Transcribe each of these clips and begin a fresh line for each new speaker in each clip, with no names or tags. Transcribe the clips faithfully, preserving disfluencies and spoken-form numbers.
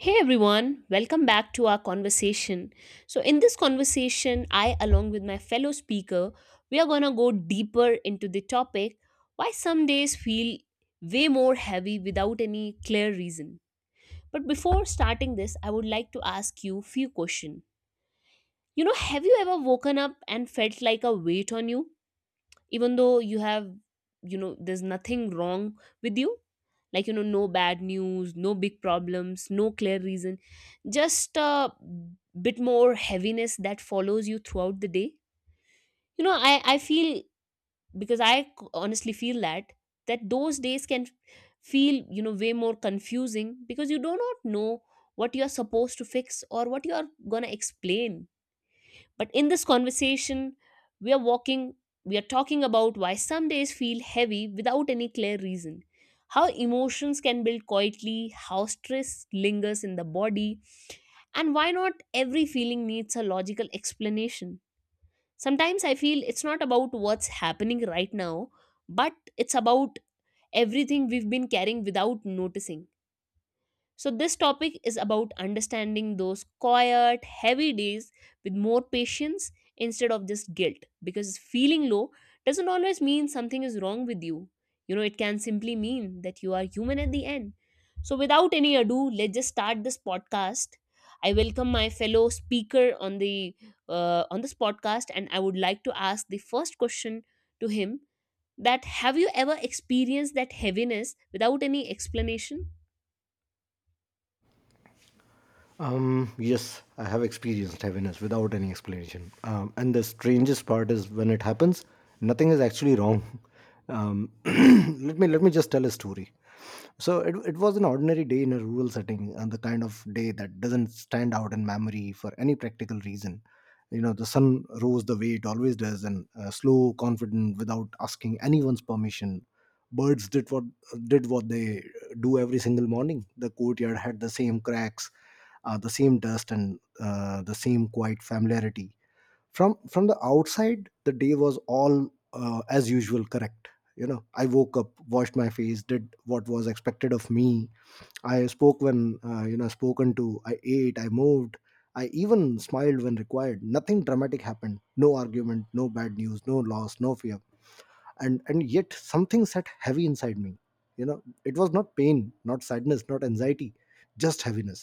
Hey everyone, welcome back to our conversation. So, in this conversation, I, along with my fellow speaker, we are gonna go deeper into the topic why some days feel way more heavy without any clear reason. But before starting this, I would like to ask you few questions. You know, have you ever woken up and felt like a weight on you? Even though you have, you know, there's nothing wrong with you. Like, you know, no bad news, no big problems, no clear reason, just a bit more heaviness that follows you throughout the day. You know, i i feel, because i c- honestly feel that that those days can feel, you know, way more confusing because you do not know what you are supposed to fix or what you are going to explain. But in this conversation, we are walking, we are talking about why some days feel heavy without any clear reason, how emotions can build quietly, how stress lingers in the body, and why not every feeling needs a logical explanation. Sometimes I feel it's not about what's happening right now, but it's about everything we've been carrying without noticing. So, this topic is about understanding those quiet, heavy days with more patience instead of just guilt, because feeling low doesn't always mean something is wrong with you. You know, it can simply mean that you are human at the end. So, without any ado, let's just start this podcast. I welcome my fellow speaker on the uh, on this podcast, and I would like to ask the first question to him: that have you ever experienced that heaviness without any explanation?
Um, yes, I have experienced heaviness without any explanation. Um, and the strangest part is when it happens, nothing is actually wrong. Um, let me let me just tell a story. So it, it was an ordinary day in a rural setting, and the kind of day that doesn't stand out in memory for any practical reason. You know, the sun rose the way it always does, and uh, slow, confident, without asking anyone's permission. Birds did what did what they do every single morning. The courtyard had the same cracks, uh, the same dust, and uh, the same quiet familiarity. From from the outside, the day was all, uh, as usual, correct. You know, I woke up, washed my face, did what was expected of me. I spoke when uh, you know, spoken to. I ate, I moved, I even smiled when required. Nothing dramatic happened, no argument, no bad news, no loss, no fear. And and yet something sat heavy inside me. You know, it was not pain, not sadness, not anxiety, just heaviness.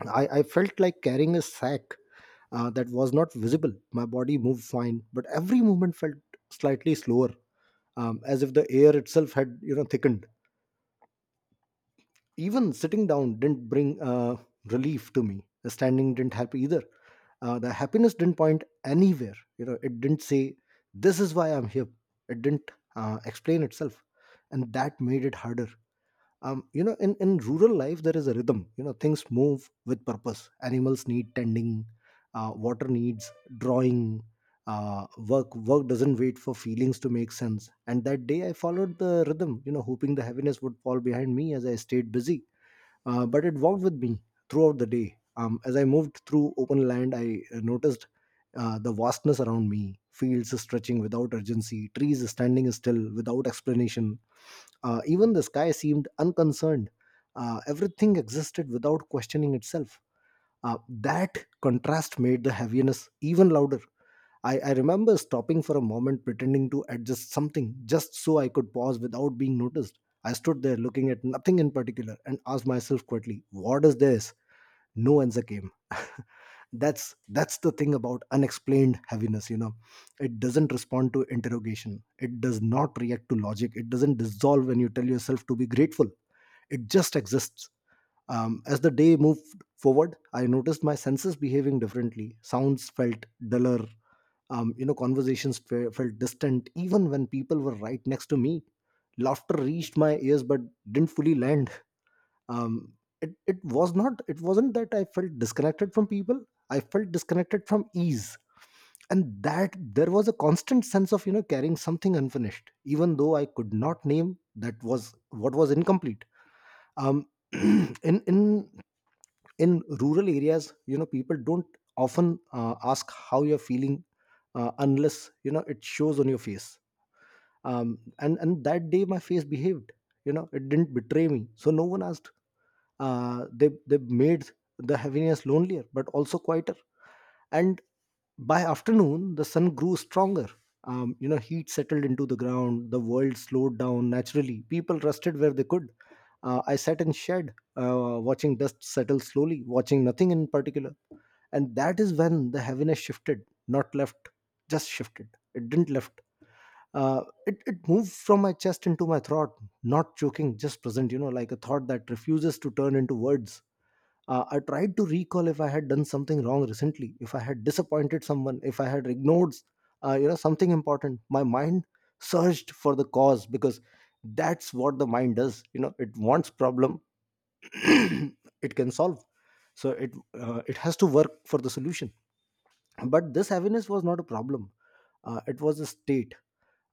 I, I felt like carrying a sack uh, that was not visible. My body moved fine, but every movement felt slightly slower, um, as if the air itself had, you know, thickened. Even sitting down didn't bring uh, relief to me. The standing didn't help either. Uh, the happiness didn't point anywhere. You know, it didn't say this is why I'm here. It didn't uh, explain itself, and that made it harder. Um, you know, in, in rural life there is a rhythm. You know, things move with purpose, animals need tending, uh, water needs drawing, uh, work work doesn't wait for feelings to make sense. And that day I followed the rhythm, you know, hoping the heaviness would fall behind me as I stayed busy. Uh, but it walked with me throughout the day. Um, as I moved through open land, I uh, noticed uh, the vastness around me, fields stretching without urgency, trees standing still without explanation. Uh, even the sky seemed unconcerned. Uh, everything existed without questioning itself. Uh, that contrast made the heaviness even louder. I, I remember stopping for a moment, pretending to adjust something just so I could pause without being noticed. I stood there looking at nothing in particular and asked myself quietly, "What is this?" No answer came. that's that's the thing about unexplained heaviness, you know, it doesn't respond to interrogation, it does not react to logic, it doesn't dissolve when you tell yourself to be grateful. It just exists. Um, as the day moved forward, I noticed my senses behaving differently. Sounds felt duller. Um, you know, conversations fe- felt distant even when people were right next to me. Laughter reached my ears but didn't fully land. um it, it was not it wasn't that I felt disconnected from people, I felt disconnected from ease. And that there was a constant sense of, you know, carrying something unfinished, even though I could not name that was what was incomplete. um in in in rural areas, you know, people don't often uh, ask how you're feeling uh, unless, you know, it shows on your face. um, and and that day my face behaved. You know, it didn't betray me, so no one asked. uh, they they made the heaviness lonelier but also quieter. And by afternoon the sun grew stronger. Um, you know, heat settled into the ground, the world slowed down naturally, people rested where they could. uh, I sat in shed, uh, watching dust settle slowly, watching nothing in particular. And that is when the heaviness shifted, not left, just shifted. It didn't left. uh, it, it moved from my chest into my throat, not choking, just present, you know, like a thought that refuses to turn into words. uh, I tried to recall if I had done something wrong recently, if I had disappointed someone, if I had ignored uh, you know, something important. My mind searched for the cause, because that's what the mind does. You know, it wants problem it can solve. So it uh, it has to work for the solution. But this heaviness was not a problem. Uh, it was a state.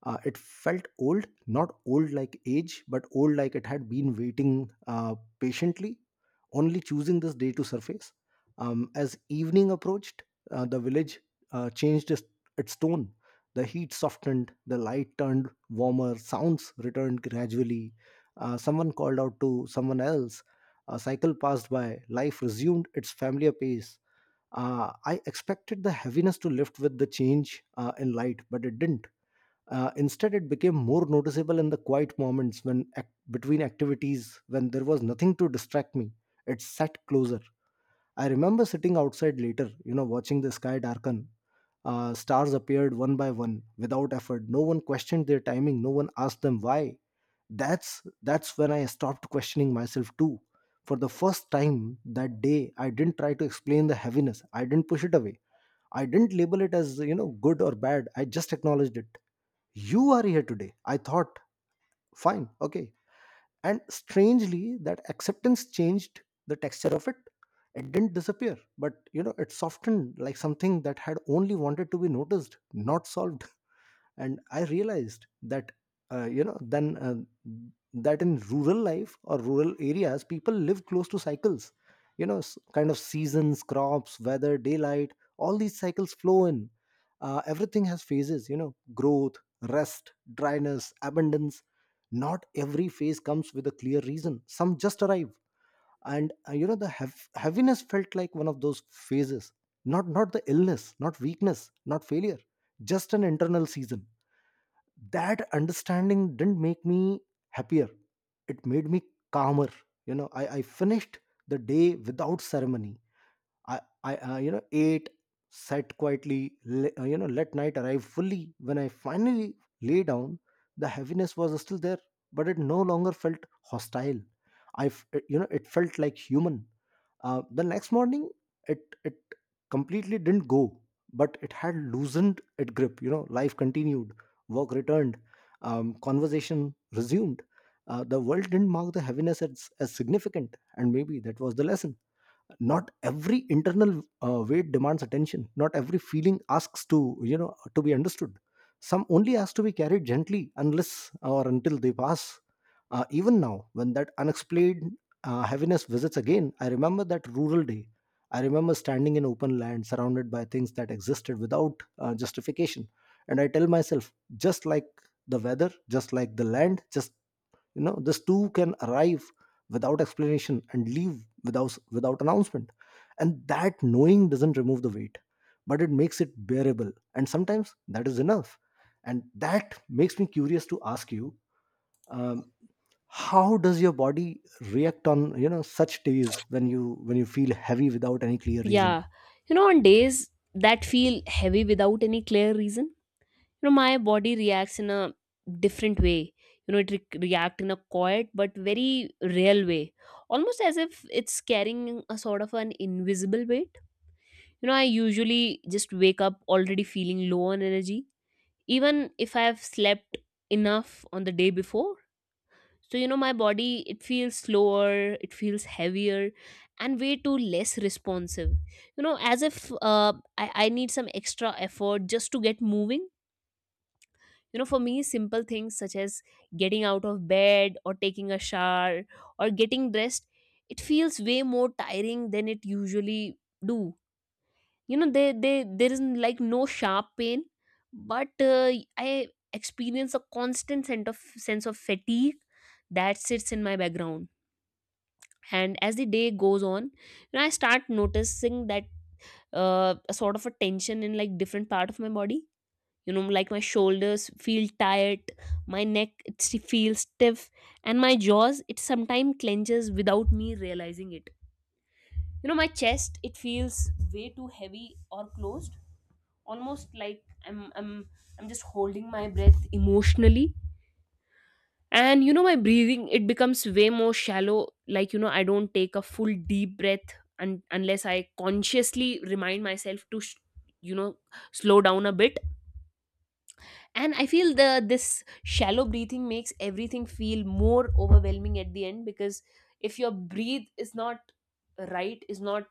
uh, It felt old, not old like age, but old like it had been waiting uh, patiently, only choosing this day to surface. Um, as evening approached, uh, the village uh, changed its, its tone. The heat softened, the light turned warmer, sounds returned gradually. Uh, someone called out to someone else. A cycle passed by. Life resumed its familiar pace. Uh, I expected the heaviness to lift with the change uh, in light, but it didn't. Uh, instead, it became more noticeable in the quiet moments when ac- between activities, when there was nothing to distract me. It sat closer. I remember sitting outside later, you know, watching the sky darken. Uh, stars appeared one by one without effort. No one questioned their timing. No one asked them why. That's that's when I stopped questioning myself too. For the first time that day, I didn't try to explain the heaviness. I didn't push it away. I didn't label it as, you know, good or bad. I just acknowledged it. "You are here today," I thought. "Fine. Okay." And strangely, that acceptance changed the texture of it. It didn't disappear, but, you know, it softened, like something that had only wanted to be noticed, not solved. And I realized that, uh, you know, then uh, that in rural life, or rural areas, people live close to cycles. You know, s- kind of seasons, crops, weather, daylight, all these cycles flow in. Uh, everything has phases, you know, growth, rest, dryness, abundance. Not every phase comes with a clear reason, some just arrive. And uh, you know, the heav- heaviness felt like one of those phases, not not the illness, not weakness, not failure, just an internal season. That understanding didn't make me happier, it made me calmer. You know, i, I finished the day without ceremony. I, I, uh, you know, ate, sat quietly, le- uh, you know, let night arrive fully. When I finally lay down, the heaviness was still there, but it no longer felt hostile. I, f- uh, you know, it felt like human. Uh, the next morning, it it completely didn't go, but it had loosened its grip. You know, life continued, work returned, um, conversation resumed. Uh, the world didn't mark the heaviness as, as significant, and maybe that was the lesson. Not every internal uh, weight demands attention, not every feeling asks to, you know, to be understood. Some only has to be carried gently unless or until they pass. Uh, even now, when that unexplained uh, heaviness visits again, I remember that rural day. I remember standing in open land surrounded by things that existed without uh, justification. And I tell myself, just like the weather, just like the land, just, you know, this too can arrive without explanation and leave without without announcement. And that knowing doesn't remove the weight, but it makes it bearable, and sometimes that is enough. And that makes me curious to ask you, um, how does your body react on, you know, such days when you when you feel heavy without any clear reason?
Yeah. You know, on days that feel heavy without any clear reason, you know, my body reacts in a different way. You know, it re- react in a quiet but very real way, almost as if it's carrying a sort of an invisible weight. You know, I usually just wake up already feeling low on energy, even if I have slept enough on the day before. So, you know, my body, it feels slower, it feels heavier and way too less responsive. You know, as if uh, I, I need some extra effort just to get moving. You know, for me, simple things such as getting out of bed or taking a shower or getting dressed, it feels way more tiring than it usually do. You know, they, they there is like no sharp pain, but uh, I experience a constant sense of sense of fatigue that sits in my background. And as the day goes on, you know, I start noticing that, uh, a sort of a tension in like different part of my body. You know, like my shoulders feel tight, my neck it sti- feels stiff, and my jaws, it sometimes clenches without me realizing it. You know, my chest, it feels way too heavy or closed, almost like i'm i'm i'm just holding my breath emotionally. And you know, my breathing, it becomes way more shallow. Like, you know, I don't take a full deep breath un- unless I consciously remind myself to sh- you know, slow down a bit. And I feel the this shallow breathing makes everything feel more overwhelming at the end, because if your breathe is not right is not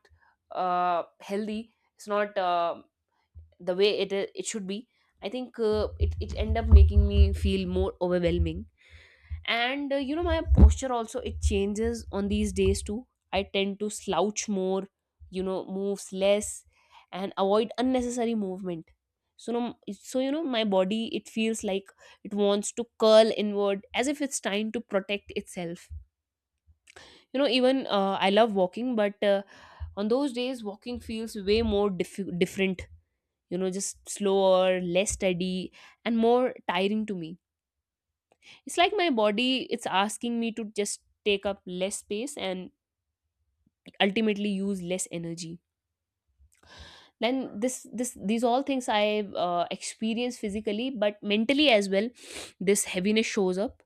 uh, healthy, it's not uh, the way it it should be, I think uh, it it end up making me feel more overwhelming. And uh, you know, my posture also, it changes on these days too. I tend to slouch more, you know, moves less and avoid unnecessary movement. So no, so you know, my body, it feels like it wants to curl inward as if it's trying to protect itself. You know, even uh, I love walking, but uh, on those days walking feels way more diff- different. You know, just slower, less steady and more tiring to me. It's like my body, it's asking me to just take up less space and ultimately use less energy. Then this this these all things I uh, experience physically, but mentally as well this heaviness shows up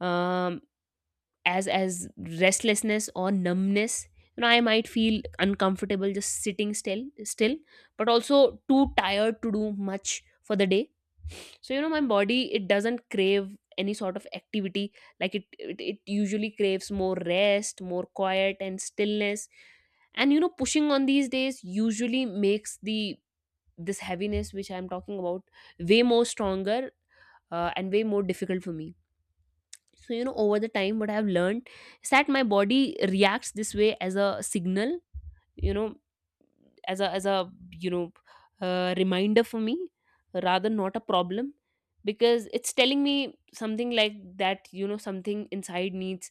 um, as as restlessness or numbness. You know, I might feel uncomfortable just sitting still still, but also too tired to do much for the day. So you know, my body, it doesn't crave any sort of activity. Like it it, it usually craves more rest, more quiet and stillness. And you know, pushing on these days usually makes the this heaviness which I'm talking about way more stronger uh, and way more difficult for me. So you know, over the time what I've learned is that my body reacts this way as a signal. You know, as a as a you know, uh, reminder for me, rather not a problem, because it's telling me something like that, you know, something inside needs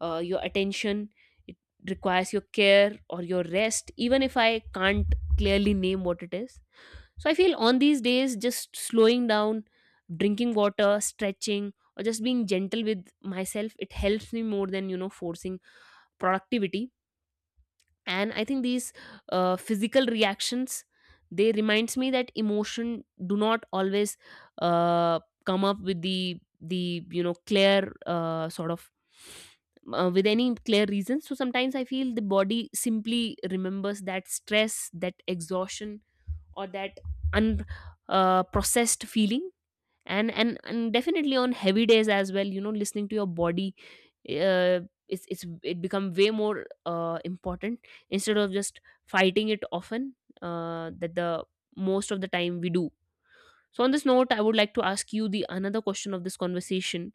uh, your attention. It requires your care or your rest, even if I can't clearly name what it is. So I feel on these days, just slowing down, drinking water, stretching or just being gentle with myself, it helps me more than, you know, forcing productivity. And I think these uh, physical reactions, they reminds me that emotion do not always uh, come up with the the you know, clear uh, sort of uh, with any clear reason. So sometimes I feel the body simply remembers that stress, that exhaustion or that unprocessed uh, processed feeling. And and and definitely on heavy days as well, you know, listening to your body, uh, it's it's it become way more uh, important, instead of just fighting it often, uh, that the most of the time we do. So on this note, I would like to ask you the another question of this conversation: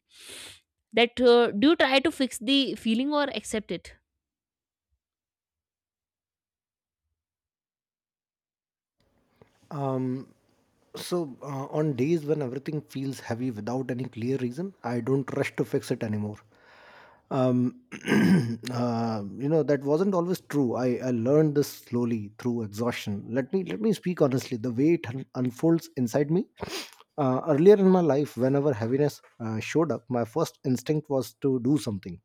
that uh, do you try to fix the feeling or accept it?
um So, uh, on days when everything feels heavy without any clear reason, I don't rush to fix it anymore. um, uh, you know, that wasn't always true. I, I learned this slowly through exhaustion. Let me let me speak honestly the way it un- unfolds inside me. Uh, earlier in my life, whenever heaviness uh, showed up, my first instinct was to do something.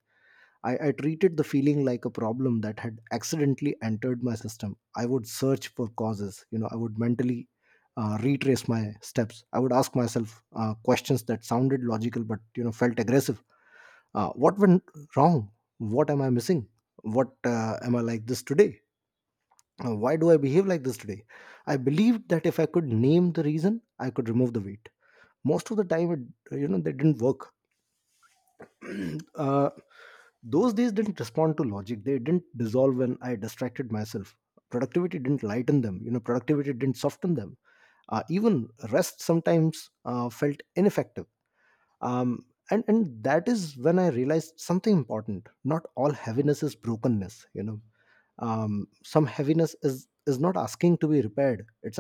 I, I treated the feeling like a problem that had accidentally entered my system. I would search for causes. You know, I would mentally uh, retrace my steps. I would ask myself uh, questions that sounded logical but, you know, felt aggressive. Uh, what went wrong? What am I missing? What uh, am I like this today? Uh, why do I behave like this today? I believed that if I could name the reason, I could remove the weight. Most of the time, it, you know, they didn't work. uh, those days didn't respond to logic. They didn't dissolve when I distracted myself. Productivity didn't lighten them. You know, productivity didn't soften them. Uh, even rest sometimes uh, felt ineffective. Um, and and that is when I realized something important: not all heaviness is brokenness you know um, Some heaviness is is not asking to be repaired, it's